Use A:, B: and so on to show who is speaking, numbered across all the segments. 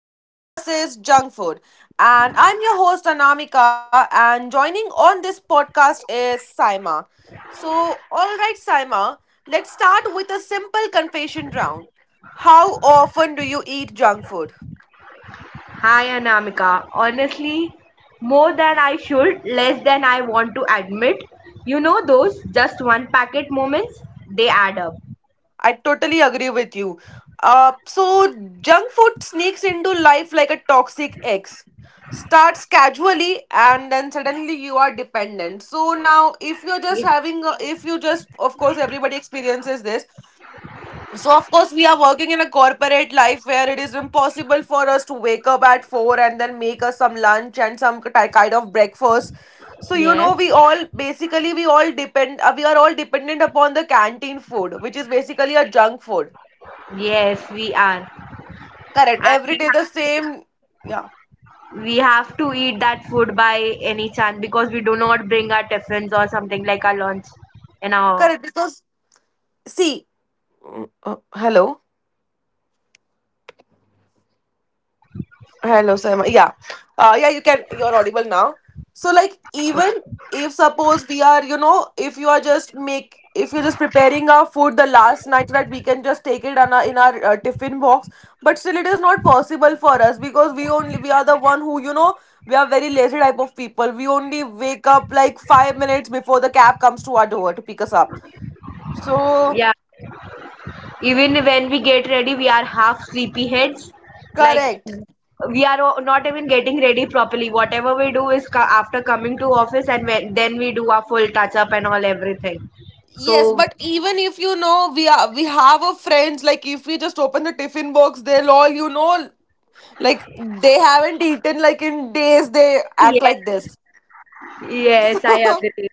A: healthy versus junk food. And I'm your host, Anamika, and joining on this podcast is Saima. So, all right, Saima, let's start with a simple confession round. How often do you eat junk food?
B: Hi Anamika. Honestly, more than I should, less than I want to admit. You know those just one packet moments? They add up.
A: I totally agree with you. Uh, so, Junk food sneaks into life like a toxic ex. Starts casually and then suddenly you are dependent. So now, if you're just
B: Ye-
A: having, a, if you just, of course, everybody experiences this. So of course we are working in a corporate life where it is impossible for us to wake up at 4 and then make us some lunch and some kind of breakfast. So you
B: Yes.
A: know we all basically we all depend we are all dependent upon the canteen food, which is basically a junk food.
B: Yes, we are.
A: Correct.
B: And
A: Every day the same. Yeah.
B: we have to eat that food by any chance because we do not bring our tiffins or something like our lunch in our
A: Correct,
B: office. So
A: because
B: we
A: see,
B: so
A: hello.
B: Hello.
A: Hello, Saima. Yeah. Yeah, you can, you're audible now. So, like,
B: Okay.
A: even if suppose we are, you know, if you are just make, if you're just preparing our food the last night so that we can just take it on our, in our tiffin box, but still it is not possible for us because we are the one who, you know, we are very lazy type of people. We only wake up like 5 minutes before the cab comes to our door to pick us up. So,
B: Yeah. Even when we get ready, we are half sleepy heads. Like,
A: correct.
B: we are not even getting ready properly. Whatever we do is after coming to office. And then we do our full touch up and all everything.
A: Yes,
B: So,
A: but even if you know we have a friends, like if we just open the tiffin box, they'll all, you know, like they haven't eaten like in days. They act like
B: yes,
A: this.
B: yes, I agree.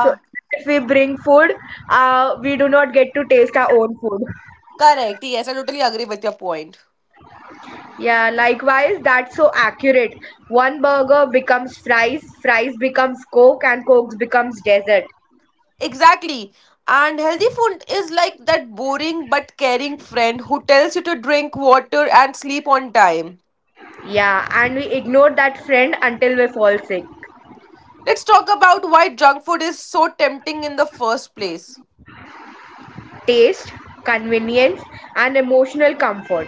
B: So even if we bring food, we do not get to taste our own food.
A: correct. Yes, I totally agree with your point.
B: Yeah, likewise, that's so accurate. One burger becomes fries, fries becomes coke, and coke becomes dessert.
A: Exactly. And healthy food is like that boring but caring friend who tells you to drink water and sleep on time.
B: Yeah, and we ignore that friend until we fall sick.
A: Let's talk about why junk food is so tempting in the first place.
B: Taste, convenience, and emotional comfort.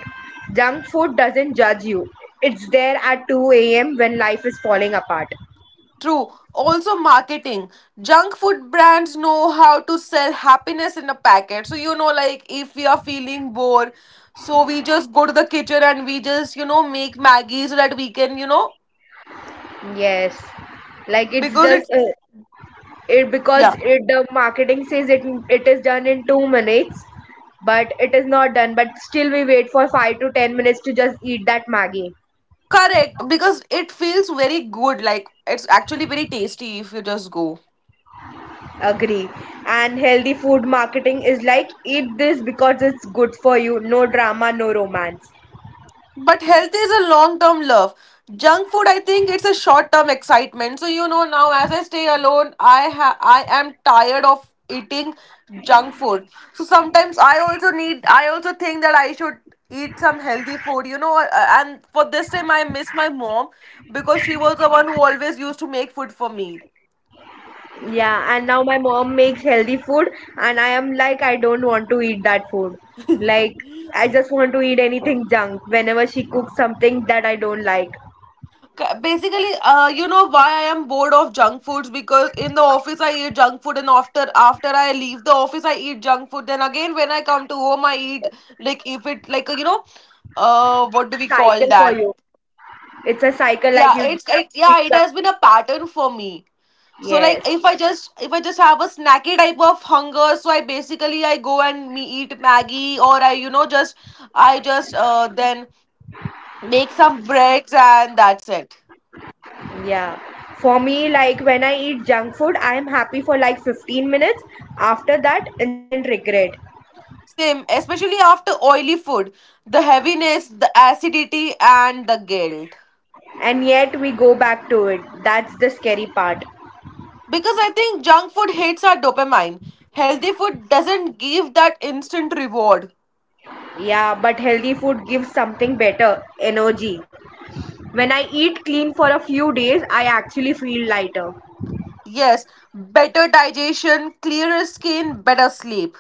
B: Junk food doesn't judge you. It's there at 2 a.m. when life is falling apart.
A: True. Also, marketing. Junk food brands know how to sell happiness in a packet. So, you know, like if we are feeling bored, so we just go to the kitchen and we just, you know, make Maggie so that we can, you know,
B: Yes, like, it's
A: because
B: just
A: it's,
B: it because
A: yeah,
B: the marketing says it is done in 2 minutes, but it is not done. But still, we wait for 5 to 10 minutes to just eat that Maggie.
A: correct. Because it feels very good. Like it's actually very tasty if you just go.
B: Agree. And healthy food marketing is like, eat this because it's good for you. No drama, no romance.
A: But health is a long term love. Junk food, I think it's a short term excitement. So you know now as I stay alone, I am tired of eating junk food. So sometimes I also think that I should eat some healthy food, and for this time I miss my mom because she was the one who always used to make food for me.
B: Yeah, and now my mom makes healthy food, and I am like, I don't want to eat that food. Like, I just want to eat anything junk whenever she cooks something that I don't like.
A: Basically, you know why I am bored of junk foods? Because in the office I eat junk food, and after I leave the office I eat junk food, then again when I come to home I eat,
B: Yes,
A: like if it, like you know, what
B: it's
A: do
B: a
A: we call
B: cycle for
A: that?
B: you. It's a cycle like
A: Yeah,
B: you have to
A: yeah,
B: eat
A: it has
B: junk
A: been
B: food
A: a
B: daily.
A: pattern for me. So like
B: Yes.
A: if I just have a snacky type of hunger, so I go and me eat Maggie, or i, you know, just i just then make some breads, and that's it.
B: Yeah. For me, like when I eat junk food, I am happy for like 15 minutes. After that, instant regret.
A: Same, especially after oily food, the heaviness, the acidity, and the guilt.
B: And yet we go back to it. That's the scary part.
A: Because I think junk food hits our dopamine. Healthy food doesn't give that instant reward.
B: Yeah, but healthy food gives something better energy. When I eat clean for a few days, I actually feel lighter.
A: Yes, better digestion, clearer skin, better sleep.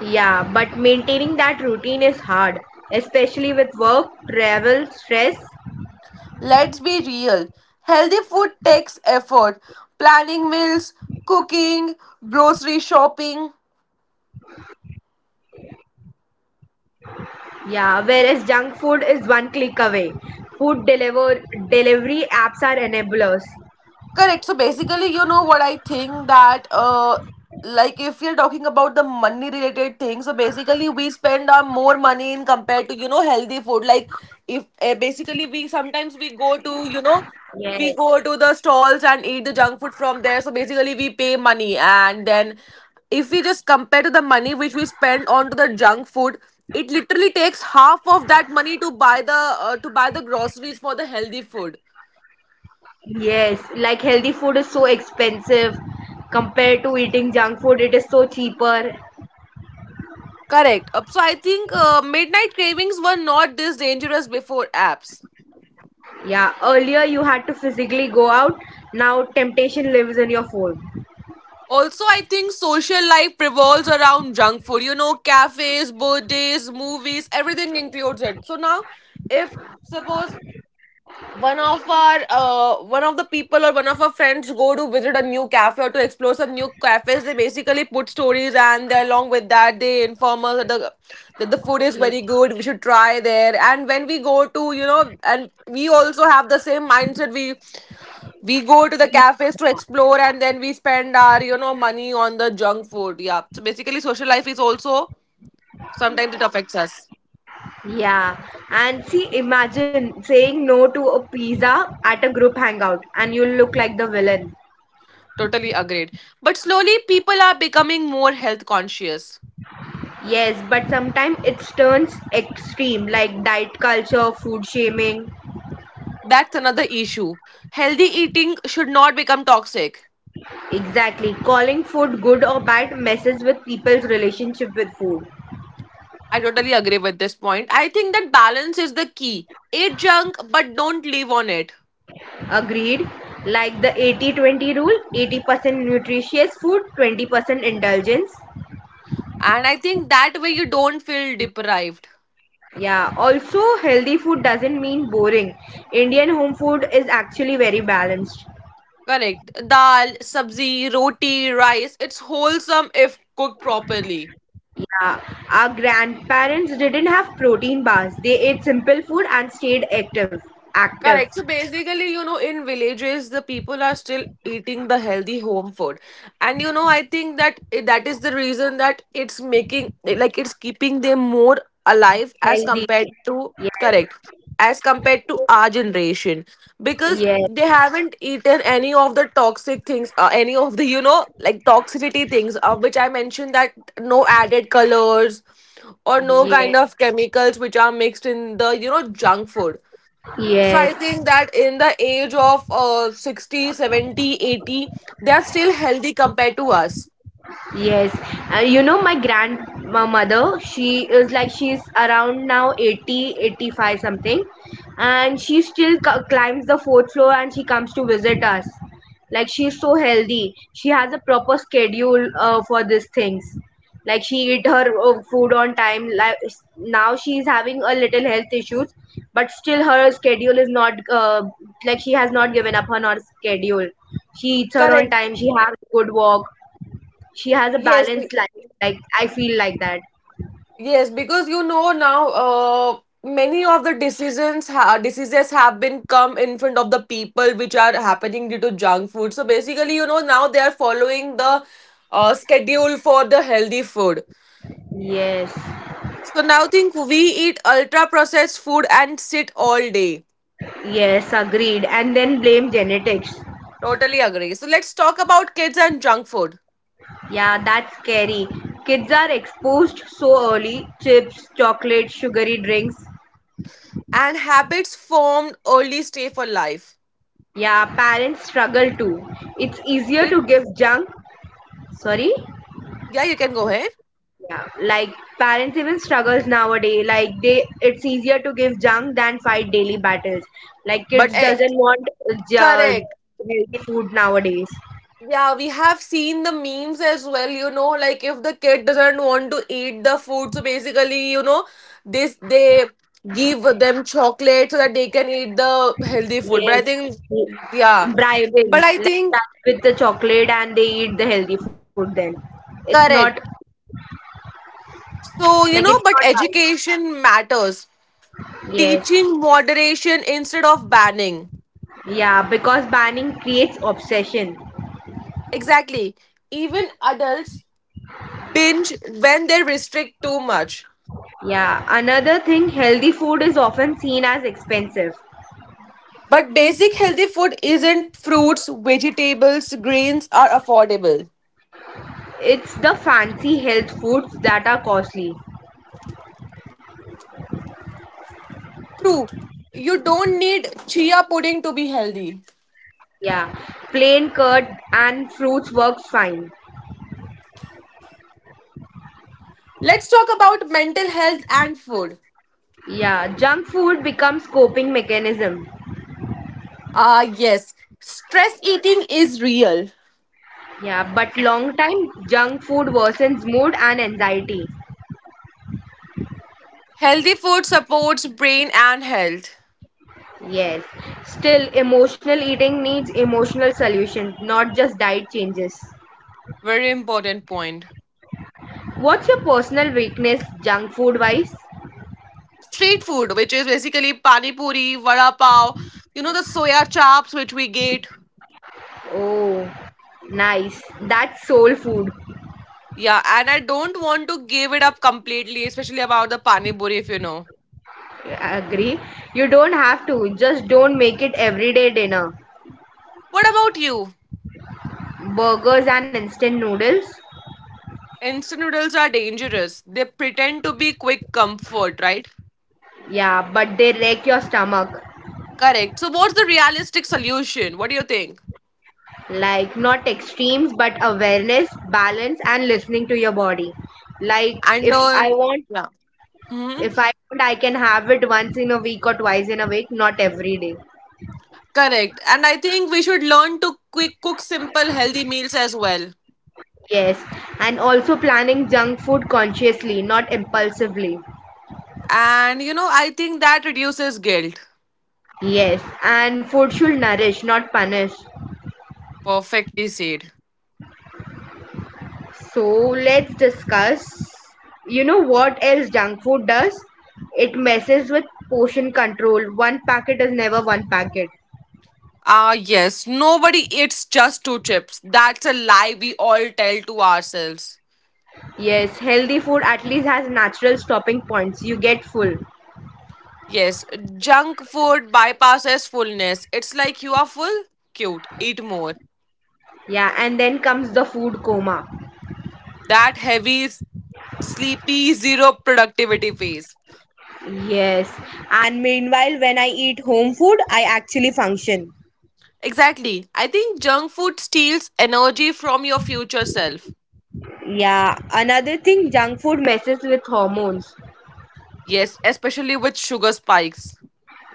B: Yeah, but maintaining that routine is hard, especially with work, travel, stress.
A: Let's be real. Healthy food takes effort. Planning meals, cooking, grocery shopping.
B: Yeah, whereas junk food is one click away. Food delivery apps are enablers.
A: Correct. So basically, you know what I think that like if we are talking about the money related things, so basically we spend our more money in compared to you know healthy food. Like if basically we
B: Yes.
A: sometimes we go to, you know, we go to the stalls and eat the junk food from there. So basically we pay money, and then if we just compare to the money which we spend on to the junk food, it literally takes half of that money to buy the, to buy the groceries for the healthy food.
B: Yes, like healthy food is so expensive compared to eating junk food, it is so cheaper.
A: Correct. So I think, midnight cravings were not this dangerous before apps.
B: Yeah, earlier you had to physically go out, now temptation lives in your phone.
A: Also, I think social life revolves around junk food. You know, cafes, birthdays, movies, everything includes it. So now, if suppose one of the people or one of our friends go to visit a new cafe or to explore some new cafes, they basically put stories, and along with that they inform us that the food is very good, we should try there. And when we go to, you know, and we also have the same mindset, we go to the
B: We
A: cafes to
B: should not.
A: explore, and then we spend our, you know, money on the junk food. Yeah, so basically social life is also sometimes it affects us.
B: Yeah, and see, imagine saying no to a pizza at a group hangout, and you'll look like the villain.
A: Totally agreed, but slowly people are becoming more health conscious.
B: Yes, but sometimes it turns extreme, like diet culture, food shaming.
A: That's another issue. Healthy eating should not become toxic.
B: Exactly. Calling food good or bad messes with people's relationship with food.
A: I totally agree with this point. I think that balance is the key. Eat junk, but don't live on it.
B: Agreed? Like the 80/20 rule, 80% nutritious food, 20% indulgence.
A: And I think that way you don't feel deprived.
B: Yeah, also, healthy food doesn't mean boring. Indian home food is actually very balanced.
A: Correct. Dal, sabzi, roti, rice. It's wholesome if cooked properly.
B: Yeah, our grandparents didn't have protein bars, they ate simple food and stayed active. Active.
A: Correct. So basically, you know, in villages, the people are still eating the healthy home food, and you know, I think that that is the reason that it's making, like it's keeping them more alive as
B: Healthy.
A: compared to
B: Yes.
A: correct as compared to
B: You.
A: our generation, because
B: Yes.
A: they haven't eaten any of the toxic things, any of the, you know, like toxicity things, which I mentioned that no added colors or no kind of
B: Yes.
A: chemicals which are mixed in the, you know, junk food. So
B: Yes.
A: I think that in the age of 60, 70, 80, they are still healthy compared to us.
B: Yes, you know my grandmother, she is, like, she's around now 80, 85 something, and she still climbs the fourth floor, and she comes to visit us. Like, she's so healthy. She has a proper schedule for these things. Like, she eat her food on time. Like, now she's having a little health issues, but still her schedule is not, like, she has not given up on her schedule. She eats her on
A: Correct.
B: time. She has a good walk. She has a
A: Yes.
B: balanced life, like, I feel like that.
A: Yes, because you know now, many of the diseases have been come in front of the people which are happening due to junk food. So basically, you know, now they are following the schedule for the healthy food.
B: Yes.
A: So now think we eat ultra processed food and sit all day.
B: Yes, agreed. And then blame genetics.
A: Totally agree. So let's talk about kids and junk food.
B: Yeah, that's scary. Kids are exposed so early: chips, chocolate, sugary drinks.
A: And habits formed early stay for life.
B: Yeah, parents struggle too. It's easier
A: It
B: to give junk. Sorry.
A: yeah, you can go ahead.
B: Yeah, like, parents even struggles nowadays, like, they it's easier to give junk than fight daily battles. Like,
A: But
B: kids
A: eh,
B: doesn't want,
A: correct.
B: healthy food nowadays.
A: Yeah, we have seen the memes as well, you know, like if the kid doesn't want to eat the food, so basically, you know, this they give them chocolate so that they can eat the healthy food. But I
B: Yes,
A: think yeah.
B: bribing,
A: But I
B: like,
A: think
B: bribe with the chocolate and they eat the healthy food then. It's not.
A: correct.
B: Like,
A: So, you
B: it's
A: know,
B: not
A: but
B: right.
A: education matters.
B: Yes.
A: Teaching moderation instead of banning.
B: Yeah, because banning creates obsession.
A: Exactly. Even adults binge when they restrict too much.
B: Yeah, another thing, healthy food is often seen as expensive.
A: But basic healthy food isn't fruits, vegetables, grains are affordable.
B: It's the fancy health foods that are costly.
A: True. You don't need chia pudding to be healthy.
B: Yeah, plain curd and fruits works fine.
A: Let's talk about mental health and food.
B: Yeah, junk food becomes coping mechanism.
A: Ah, yes. Stress eating is real.
B: Yeah, but long time junk food worsens mood and anxiety.
A: Healthy food supports brain and health.
B: Yes. Still, emotional eating needs emotional solution, not just diet changes.
A: Very important point.
B: What's your personal weakness junk food wise?
A: Street food, which is basically pani puri, vada pav, you know, the soya chops which we get.
B: Oh, nice. That's soul food.
A: Yeah, and I don't want to give it up completely, especially about the pani puri, if you know.
B: I agree. You don't have to, just don't make it everyday dinner.
A: What about you?
B: Burgers and instant noodles?
A: Instant noodles are dangerous. They pretend to be quick comfort, right?
B: Yeah, but they wreck your stomach.
A: Correct. So, what's the realistic solution? What do you think?
B: Like, not extremes, but awareness, balance, and listening to your body. Like,
A: And on, yeah. Hmm.
B: if I want, I can have it once in a week or twice in a week, not every day.
A: Correct. And I think we should learn to quick cook simple, healthy meals as well.
B: Yes, and also planning junk food consciously, not impulsively.
A: And you know, I think that reduces guilt.
B: Yes, and food should nourish, not punish.
A: Perfectly said.
B: So let's discuss, you know what else junk food does. It messes with portion control. One packet is never one packet.
A: Ah, yes, nobody eats just two chips. That's a lie we all tell to ourselves.
B: Yes, healthy food at least has natural stopping points. You get full.
A: Yes, junk food bypasses fullness. It's like you are full, cute, eat more.
B: Yeah, and then comes the food coma.
A: That heavy, sleepy, zero productivity phase.
B: Yes. And meanwhile, when I eat home food, I actually function.
A: Exactly. I think junk food steals energy from your future self.
B: Yeah, another thing, junk food messes with hormones.
A: Yes, especially with sugar spikes.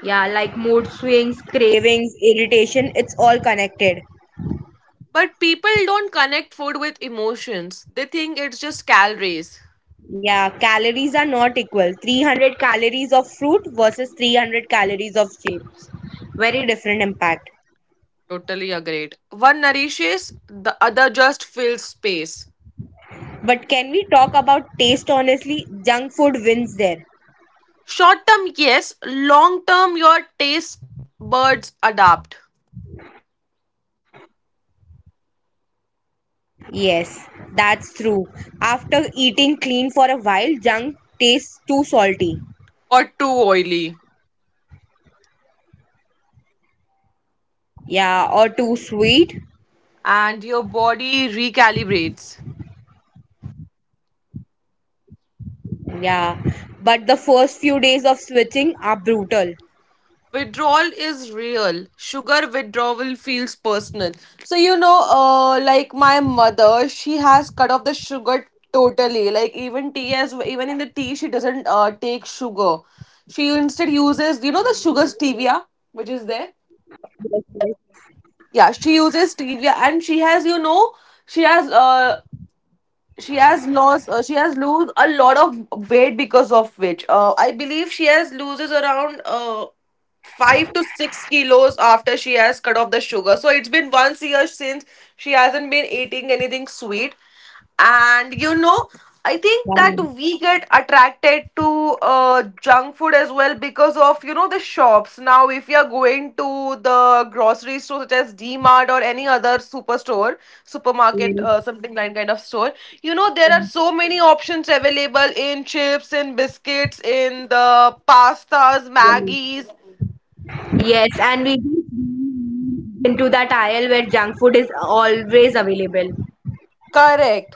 B: Yeah, like mood swings, cravings, irritation, it's all connected.
A: But people don't connect food with emotions, they think it's just calories.
B: Yeah, calories are not equal. 300 calories of fruit versus 300 calories of chips. Very different impact.
A: Totally agreed. One nourishes, the other just fills space.
B: But can we talk about taste honestly? Junk food wins there.
A: Short term, yes. Long term, your taste buds adapt.
B: Yes, that's true. After eating clean for a while, junk tastes too salty.
A: Or too oily.
B: Yeah, or too sweet.
A: And your body recalibrates.
B: Yeah, but the first few days of switching are brutal.
A: Withdrawal is real. Sugar withdrawal feels personal. So, you know, like my mother, she has cut off the sugar totally. Like, even tea, as even in the tea, she doesn't take sugar. She instead uses, you know, the sugar stevia, which is there?
B: Yes, yes.
A: Yeah, she uses stevia, and she has, you know, she has uh she has lost she has lose a lot of weight, because of which, I believe she has loses around 5 to 6 kilos after she has cut off the sugar. So it's been 1 year since she hasn't been eating anything sweet. And you know, I think
B: Yeah.
A: that we get attracted to junk food as well because of you know the shops. Now, if you are going to the grocery store such as D Mart or any other superstore, supermarket,
B: Yes.
A: something like kind of store, you know there
B: Yes,
A: are so many options available in chips, in biscuits, in the pastas, Maggies.
B: yes, and we do into that aisle where junk food is always available.
A: Correct.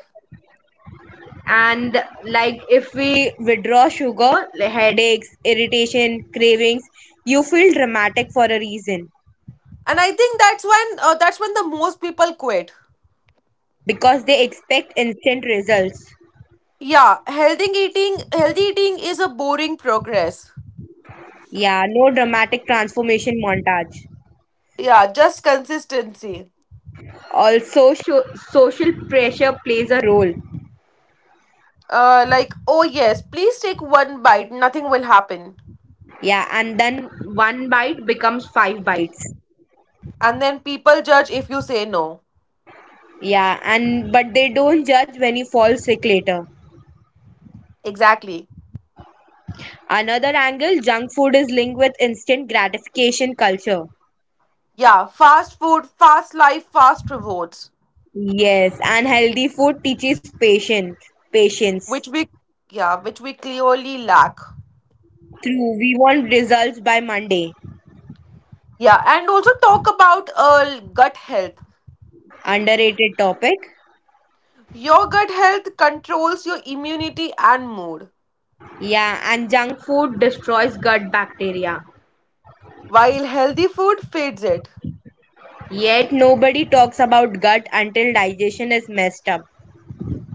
B: And, like, if we withdraw sugar, headaches, irritation, cravings, you feel dramatic for a reason.
A: And I think that's when the most people quit.
B: Because they expect instant results.
A: Yeah, healthy eating is a boring progress.
B: Yeah, no dramatic transformation montage.
A: Yeah, just consistency.
B: Also, social pressure plays a role.
A: Like, oh yes, please take one bite, nothing will happen.
B: Yeah, and then one bite becomes five bites.
A: And then people judge if you say no.
B: Yeah, and but they don't judge when you fall sick later.
A: Exactly.
B: Another angle, junk food is linked with instant gratification culture.
A: Yeah, fast food, fast life, fast rewards,
B: Yes, unhealthy food teaches patience. Patience.
A: which we yeah, which we clearly lack.
B: True, we want results by Monday.
A: Yeah, and also talk about gut health.
B: Underrated topic.
A: Your gut health controls your immunity and mood,
B: Yeah, and junk food destroys gut bacteria.
A: while healthy food feeds it
B: Yet nobody talks about gut until digestion is messed up.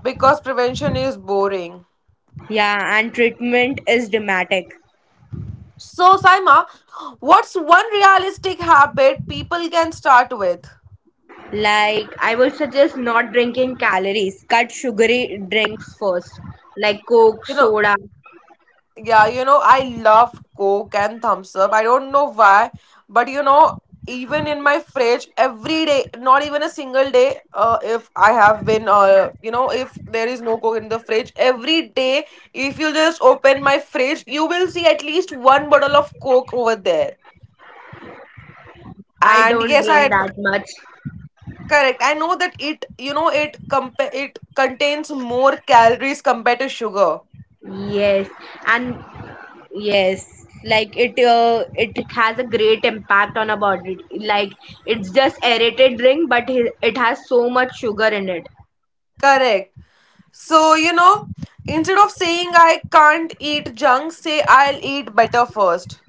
A: because prevention is boring.
B: Yeah, and treatment is dramatic.
A: So, Saima, what's one realistic habit people can start with?
B: Like, I would suggest not drinking calories. Cut sugary drinks first, like Coke,
A: You know,
B: soda.
A: Yeah, I love Coke and Thumbs Up. I don't know why, but even in my fridge, every day, not even a single day, if I have been, if there is no Coke in the fridge, every day, if you just open my fridge, you will see at least one bottle of Coke over there.
B: I
A: And
B: don't
A: yes,
B: drink that much.
A: correct. I know that it, you know, it compa- it contains more calories compared to sugar.
B: Yes, and yes, like, it has a great impact on our body. Like, it's just aerated drink, but it has so much sugar in it.
A: Correct. So, instead of saying I can't eat junk, say I'll eat better first.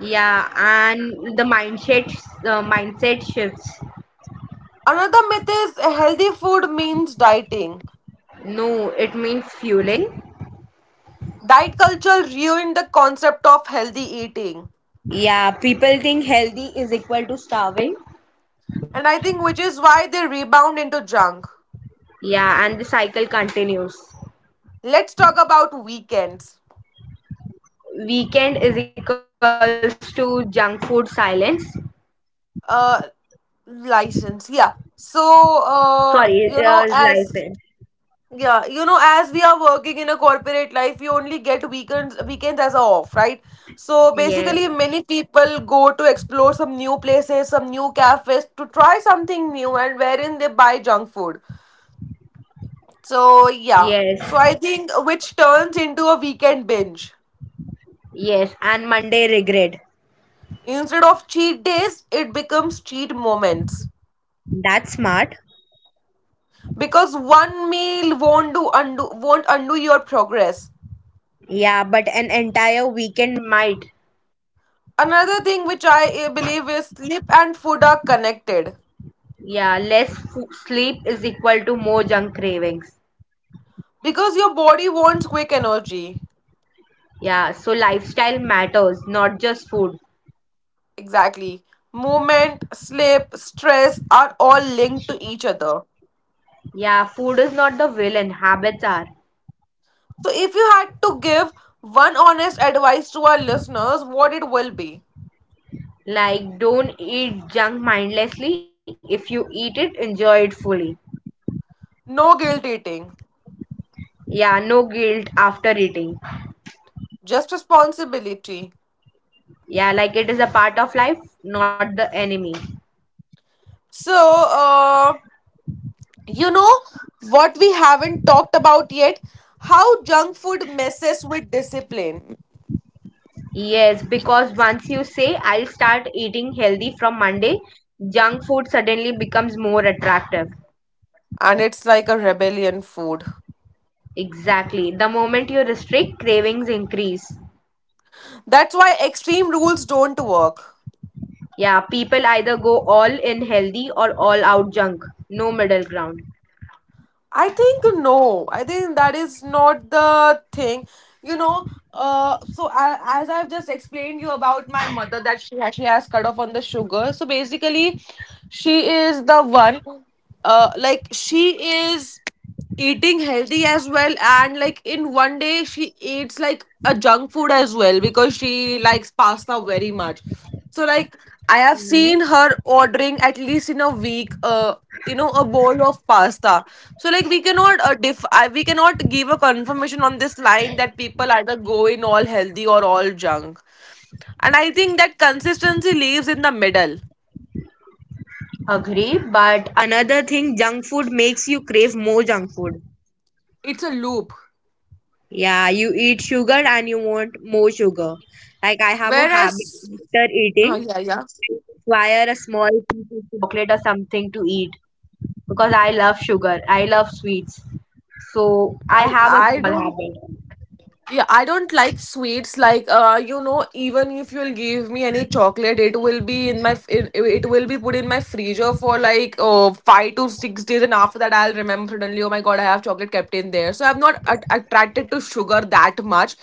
B: Yeah, and the mindset shifts.
A: Another myth is healthy food means dieting.
B: No, it means fueling.
A: Diet culture ruined the concept of healthy eating,
B: Yeah, people think healthy is equal to starving.
A: and I think which is why they rebound into junk.
B: Yeah, and the cycle continues.
A: Let's talk about weekends.
B: Weekend is equals to junk food silence.
A: Uh, license, yeah. So,
B: Sorry,
A: you know,
B: license.
A: as Yeah, you know, as we are working in a corporate life, we only get weekends as a off, right? So basically,
B: Yes,
A: many people go to explore some new places, some new cafes to try something new, and wherein they buy junk food. So
B: yes,
A: yeah, so I think which turns into a weekend binge.
B: yes, and Monday regret.
A: Instead of cheat days, it becomes cheat moments
B: That's smart.
A: because one meal won't undo your progress.
B: Yeah, but an entire weekend might.
A: Another thing which I believe is sleep and food are connected.
B: Yeah, less fo sleep is equal to more junk cravings.
A: Because your body wants quick energy.
B: Yeah, so lifestyle matters, not just food.
A: Exactly. Movement, sleep, stress are all linked to each other.
B: Yeah, food is not the villain, habits are.
A: So, if you had to give one honest advice to our listeners, what it will be?
B: Like, don't eat junk mindlessly. If you eat it, enjoy it fully.
A: No guilt eating,
B: Yeah, no guilt after eating.
A: just responsibility.
B: Yeah, like it is a part of life, not the enemy.
A: So, you know what we haven't talked about yet? How junk food messes with discipline.
B: Yes, because once you say I'll start eating healthy from Monday, junk food suddenly becomes more attractive.
A: And it's like a rebellion food.
B: Exactly. The moment you restrict, cravings increase.
A: That's why extreme rules don't work.
B: Yeah, people either go all in healthy or all out junk. No middle ground.
A: I think no. I think that is not the thing. You know, so, as I've just explained you about my mother that she actually has cut off on the sugar. So basically, she is the one. Like she is eating healthy as well, and like in one day she eats like a junk food as well because she likes pasta very much, so like I have
B: Mhm.
A: seen her ordering at least in a week a bowl of pasta. So like we cannot we cannot give a confirmation on this line that people either go in all healthy or all junk, and I think that consistency lives in the middle.
B: Agree, but another thing, junk food makes you crave more junk food.
A: It's a loop.
B: Yeah, you eat sugar and you want more sugar. Like, I have a habit
A: Whereas,
B: after
A: oh
B: eating.
A: yeah, yeah,
B: Acquire a small piece of chocolate or something to eat because I love sugar. I love sweets. So I
A: I,
B: have a
A: I
B: small
A: don't
B: habit.
A: Yeah, I don't like sweets. Like, even if you'll give me any chocolate, it will be in it will be put in my freezer for like 5 to 6 days, and after that, I'll remember suddenly. Oh my god, I have chocolate kept in there. So I'm not attracted to sugar that much.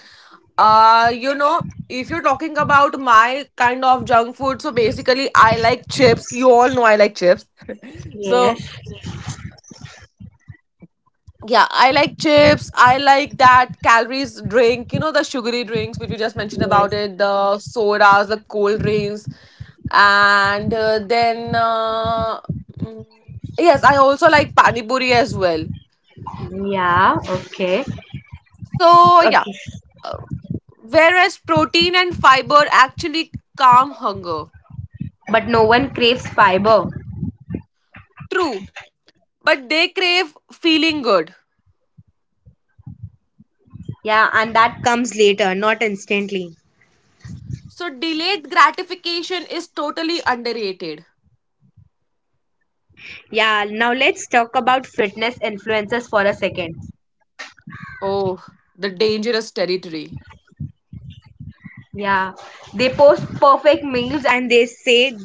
A: If you're talking about my kind of junk food, so basically, I like chips. You all know I like chips. So
B: Yes.
A: yeah, I like chips. I like that calories drink, the sugary drinks, which you just mentioned about
B: Yes.
A: it, the sodas, the cold drinks. And then, mm, yes, I also like pani puri as well.
B: Yeah. Okay.
A: So, yeah,
B: Okay.
A: uh, whereas protein and fiber actually calm hunger.
B: But no one craves fiber.
A: True, but they crave feeling good.
B: Yeah, and that comes later, not instantly.
A: So, delayed gratification is totally underrated.
B: Yeah, now let's talk about fitness influencers for a second.
A: Oh, the dangerous territory.
B: Yeah, they post perfect meals and they say this is easy.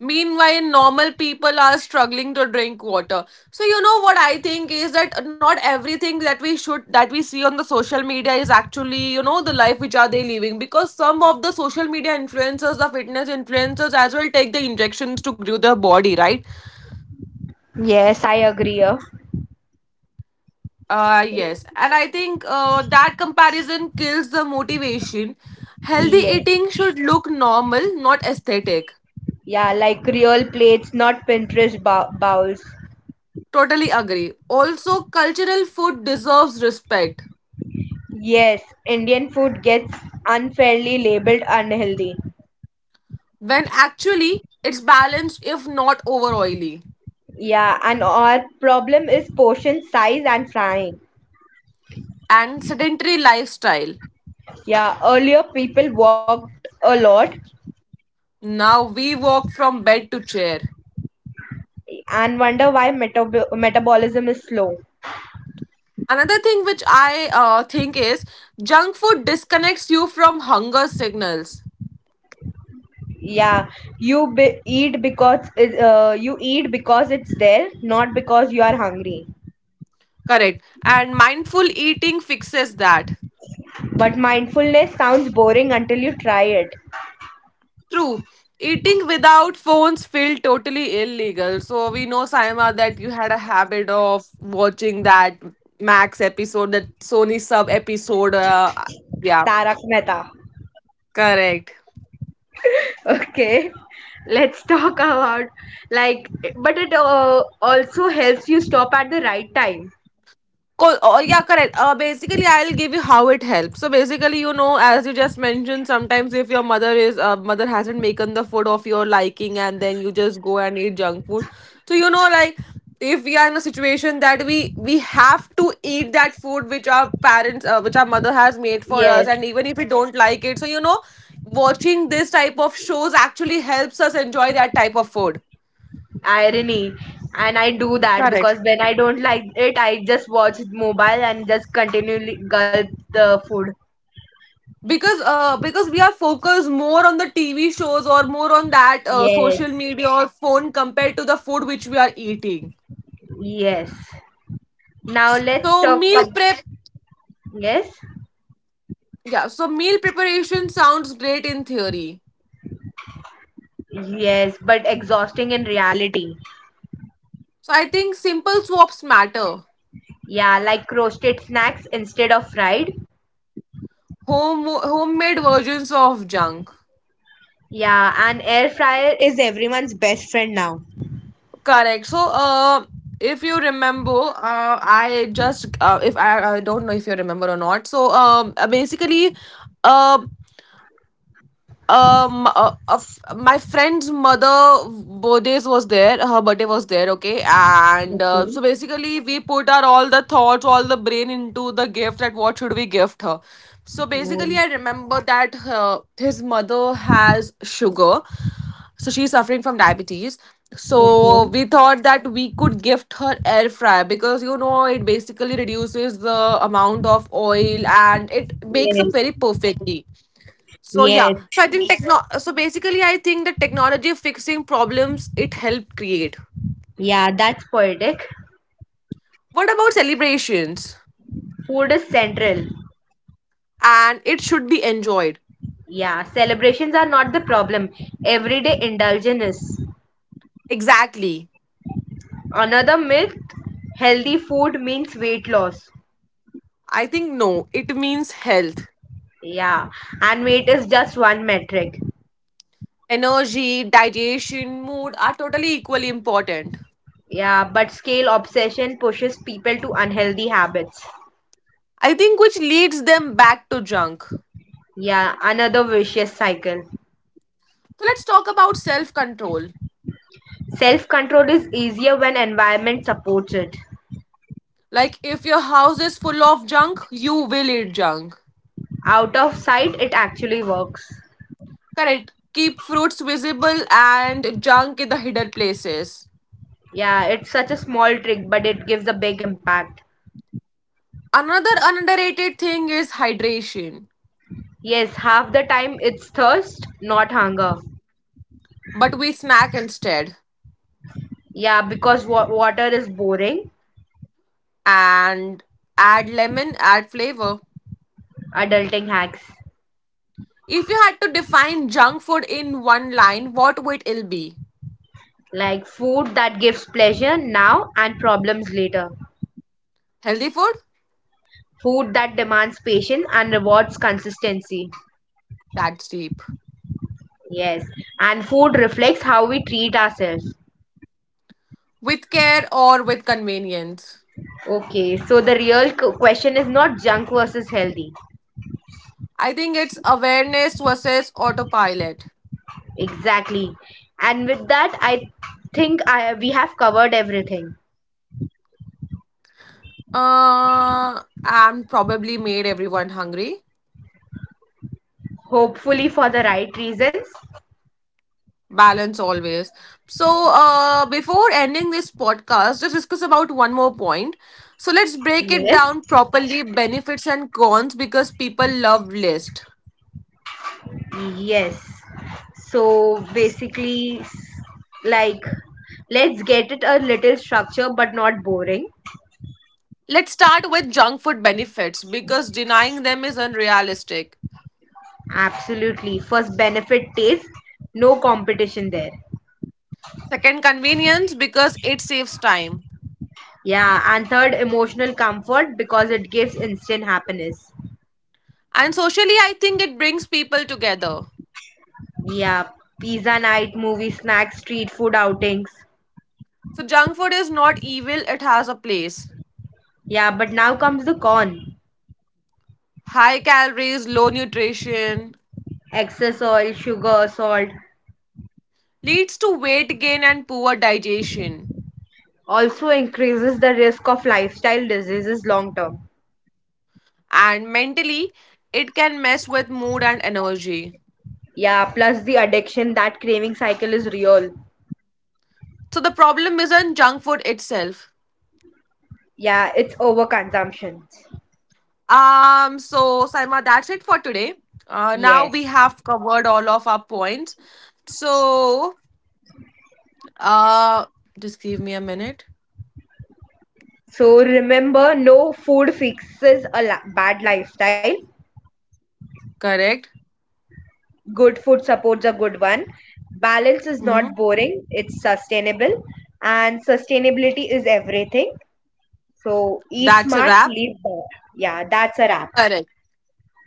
A: Meanwhile, normal people are struggling to drink water. So you know what I think is that not everything that we see on the social media is actually, the life which are they living, because some of the social media influencers, the fitness influencers as well, take the injections to grow their body, right?
B: Yes, I agree. Yeah.
A: Yes. And I think that comparison kills the motivation. Healthy
B: Yes.
A: eating should look normal, not aesthetic.
B: Yeah, like real plates, not Pinterest bowls.
A: Totally agree. Also, cultural food deserves respect
B: Yes, Indian food gets unfairly labeled unhealthy.
A: when actually it's balanced, if not over oily,
B: Yeah, and our problem is portion size and frying.
A: and sedentary lifestyle.
B: Yeah, earlier people walked a lot
A: Now we walk from bed to chair.
B: and wonder why metabolism is slow.
A: Another thing which I think is junk food disconnects you from hunger signals.
B: Yeah, you eat because you eat because it's there, not because you are hungry.
A: Correct, and mindful eating fixes that.
B: But mindfulness sounds boring until you try it.
A: True. Eating without phones feel totally illegal. So we know, Saima, that you had a habit of watching that Max episode, that Sony Sub episode, yeah.
B: Tarak Mehta.
A: Correct.
B: Okay. Let's talk about. Like, but it also helps you stop at the right time.
A: Oh, yeah, correct. Basically, I'll give you how it helps. So basically, as you just mentioned, sometimes if your mother is mother hasn't making the food of your liking, and then you just go and eat junk food. So like if we are in a situation that we have to eat that food which which our mother has made for
B: Yes,
A: us, and even if we don't like it, so watching this type of shows actually helps us enjoy that type of food.
B: irony. And I do that because
A: Correct.
B: when I don't like it, I just watch mobile and just continually gulp the food.
A: Because we are focused more on the TV shows or more on that social
B: Yes.
A: media or phone compared to the food which we are eating.
B: Yes. Now
A: So
B: let's talk
A: meal
B: about.
A: prep.
B: Yes.
A: Yeah, so meal preparation sounds great in theory.
B: Yes. But exhausting in reality.
A: So I think simple swaps matter.
B: Yeah, like roasted snacks instead of fried.
A: Homemade versions of junk.
B: Yeah, and air fryer is everyone's best friend now.
A: Correct. So if you remember, I don't know if you remember or not, so basically, um of my friend's mother, birthdays was there, her birthday was there, okay, and
B: Okay.
A: so basically we put our all the thoughts all the brain into the gift that what should we gift her. So basically
B: Um,
A: I remember that his mother has sugar, so she's suffering from diabetes.
B: okay.
A: So we thought that we could gift her air fryer because you know it basically reduces the amount of oil and it makes up
B: Yes.
A: very perfectly. So yeah.
B: Yes.
A: So basically, I think the technology fixing problems it helped create.
B: Yeah, that's poetic.
A: What about celebrations?
B: Food is central.
A: And it should be enjoyed.
B: Yeah, celebrations are not the problem. Everyday indulgence is.
A: Exactly.
B: Another myth: healthy food means weight loss.
A: I think no. It means health,
B: Yeah, and weight is just one metric.
A: energy, digestion, mood are totally equally important.
B: Yeah, but scale obsession pushes people to unhealthy habits.
A: I think which leads them back to junk.
B: Yeah, another vicious cycle.
A: So let's talk about self control.
B: Self control is easier when environment supports it.
A: Like if your house is full of junk, you will eat junk.
B: Out of sight, it actually works.
A: Correct. Keep fruits visible and junk in the hidden places.
B: Yeah, it's such a small trick, but it gives a big impact.
A: Another underrated thing is hydration,
B: Yes, half the time it's thirst, not hunger.
A: but we snack instead,
B: Yeah, because water is boring.
A: and add lemon, add flavor.
B: Adulting hacks.
A: If you had to define junk food in one line, what would it be?
B: Like, food that gives pleasure now and problems later.
A: Healthy food?
B: Food that demands patience and rewards consistency.
A: That's deep.
B: Yes, and food reflects how we treat ourselves.
A: With care or with convenience?
B: Okay, so the real question is not junk versus healthy.
A: I think it's awareness versus autopilot.
B: Exactly. And with that, I think, we have covered everything.
A: And probably made everyone hungry.
B: Hopefully, for the right reasons.
A: Balance always. So, before ending this podcast, just discuss about one more point. So, let's break it
B: Yes.
A: down properly, benefits and cons, because people love list.
B: Yes. So basically, like, let's get it a little structure but not boring.
A: Let's start with junk food benefits because denying them is unrealistic.
B: Absolutely. First, benefit taste, no competition there.
A: Second, convenience because it saves time.
B: Yeah. And third, emotional comfort because it gives instant happiness.
A: And socially, I think it brings people together.
B: Yeah. Pizza night, movie snacks, street food outings.
A: So, junk food is not evil, it has a place.
B: Yeah, but now comes the con.
A: High calories, low nutrition,
B: Excess oil, sugar, salt
A: leads to weight gain and poor digestion.
B: also increases the risk of lifestyle diseases long term.
A: And mentally, it can mess with mood and energy.
B: Yeah, plus the addiction that craving cycle is real.
A: So the problem isn't junk food itself.
B: Yeah, it's overconsumption.
A: So, Saima, that's it for today. Now we
B: Yes.
A: have covered all of our points. So, uh, just give me a minute.
B: So remember, no food fixes a bad lifestyle.
A: Correct.
B: Good food supports a good one. Balance is
A: Mm-hmm.
B: not boring, it's sustainable. And sustainability is everything. So eat
A: That's a
B: smart,
A: wrap.
B: live better. Yeah, that's a wrap.
A: Correct.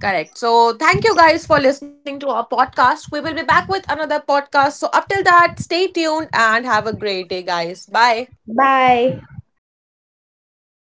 A: Correct. So, thank you guys for listening to our podcast. We will be back with another podcast. So, up till that, stay tuned and have a great day, guys. Bye.
B: Bye.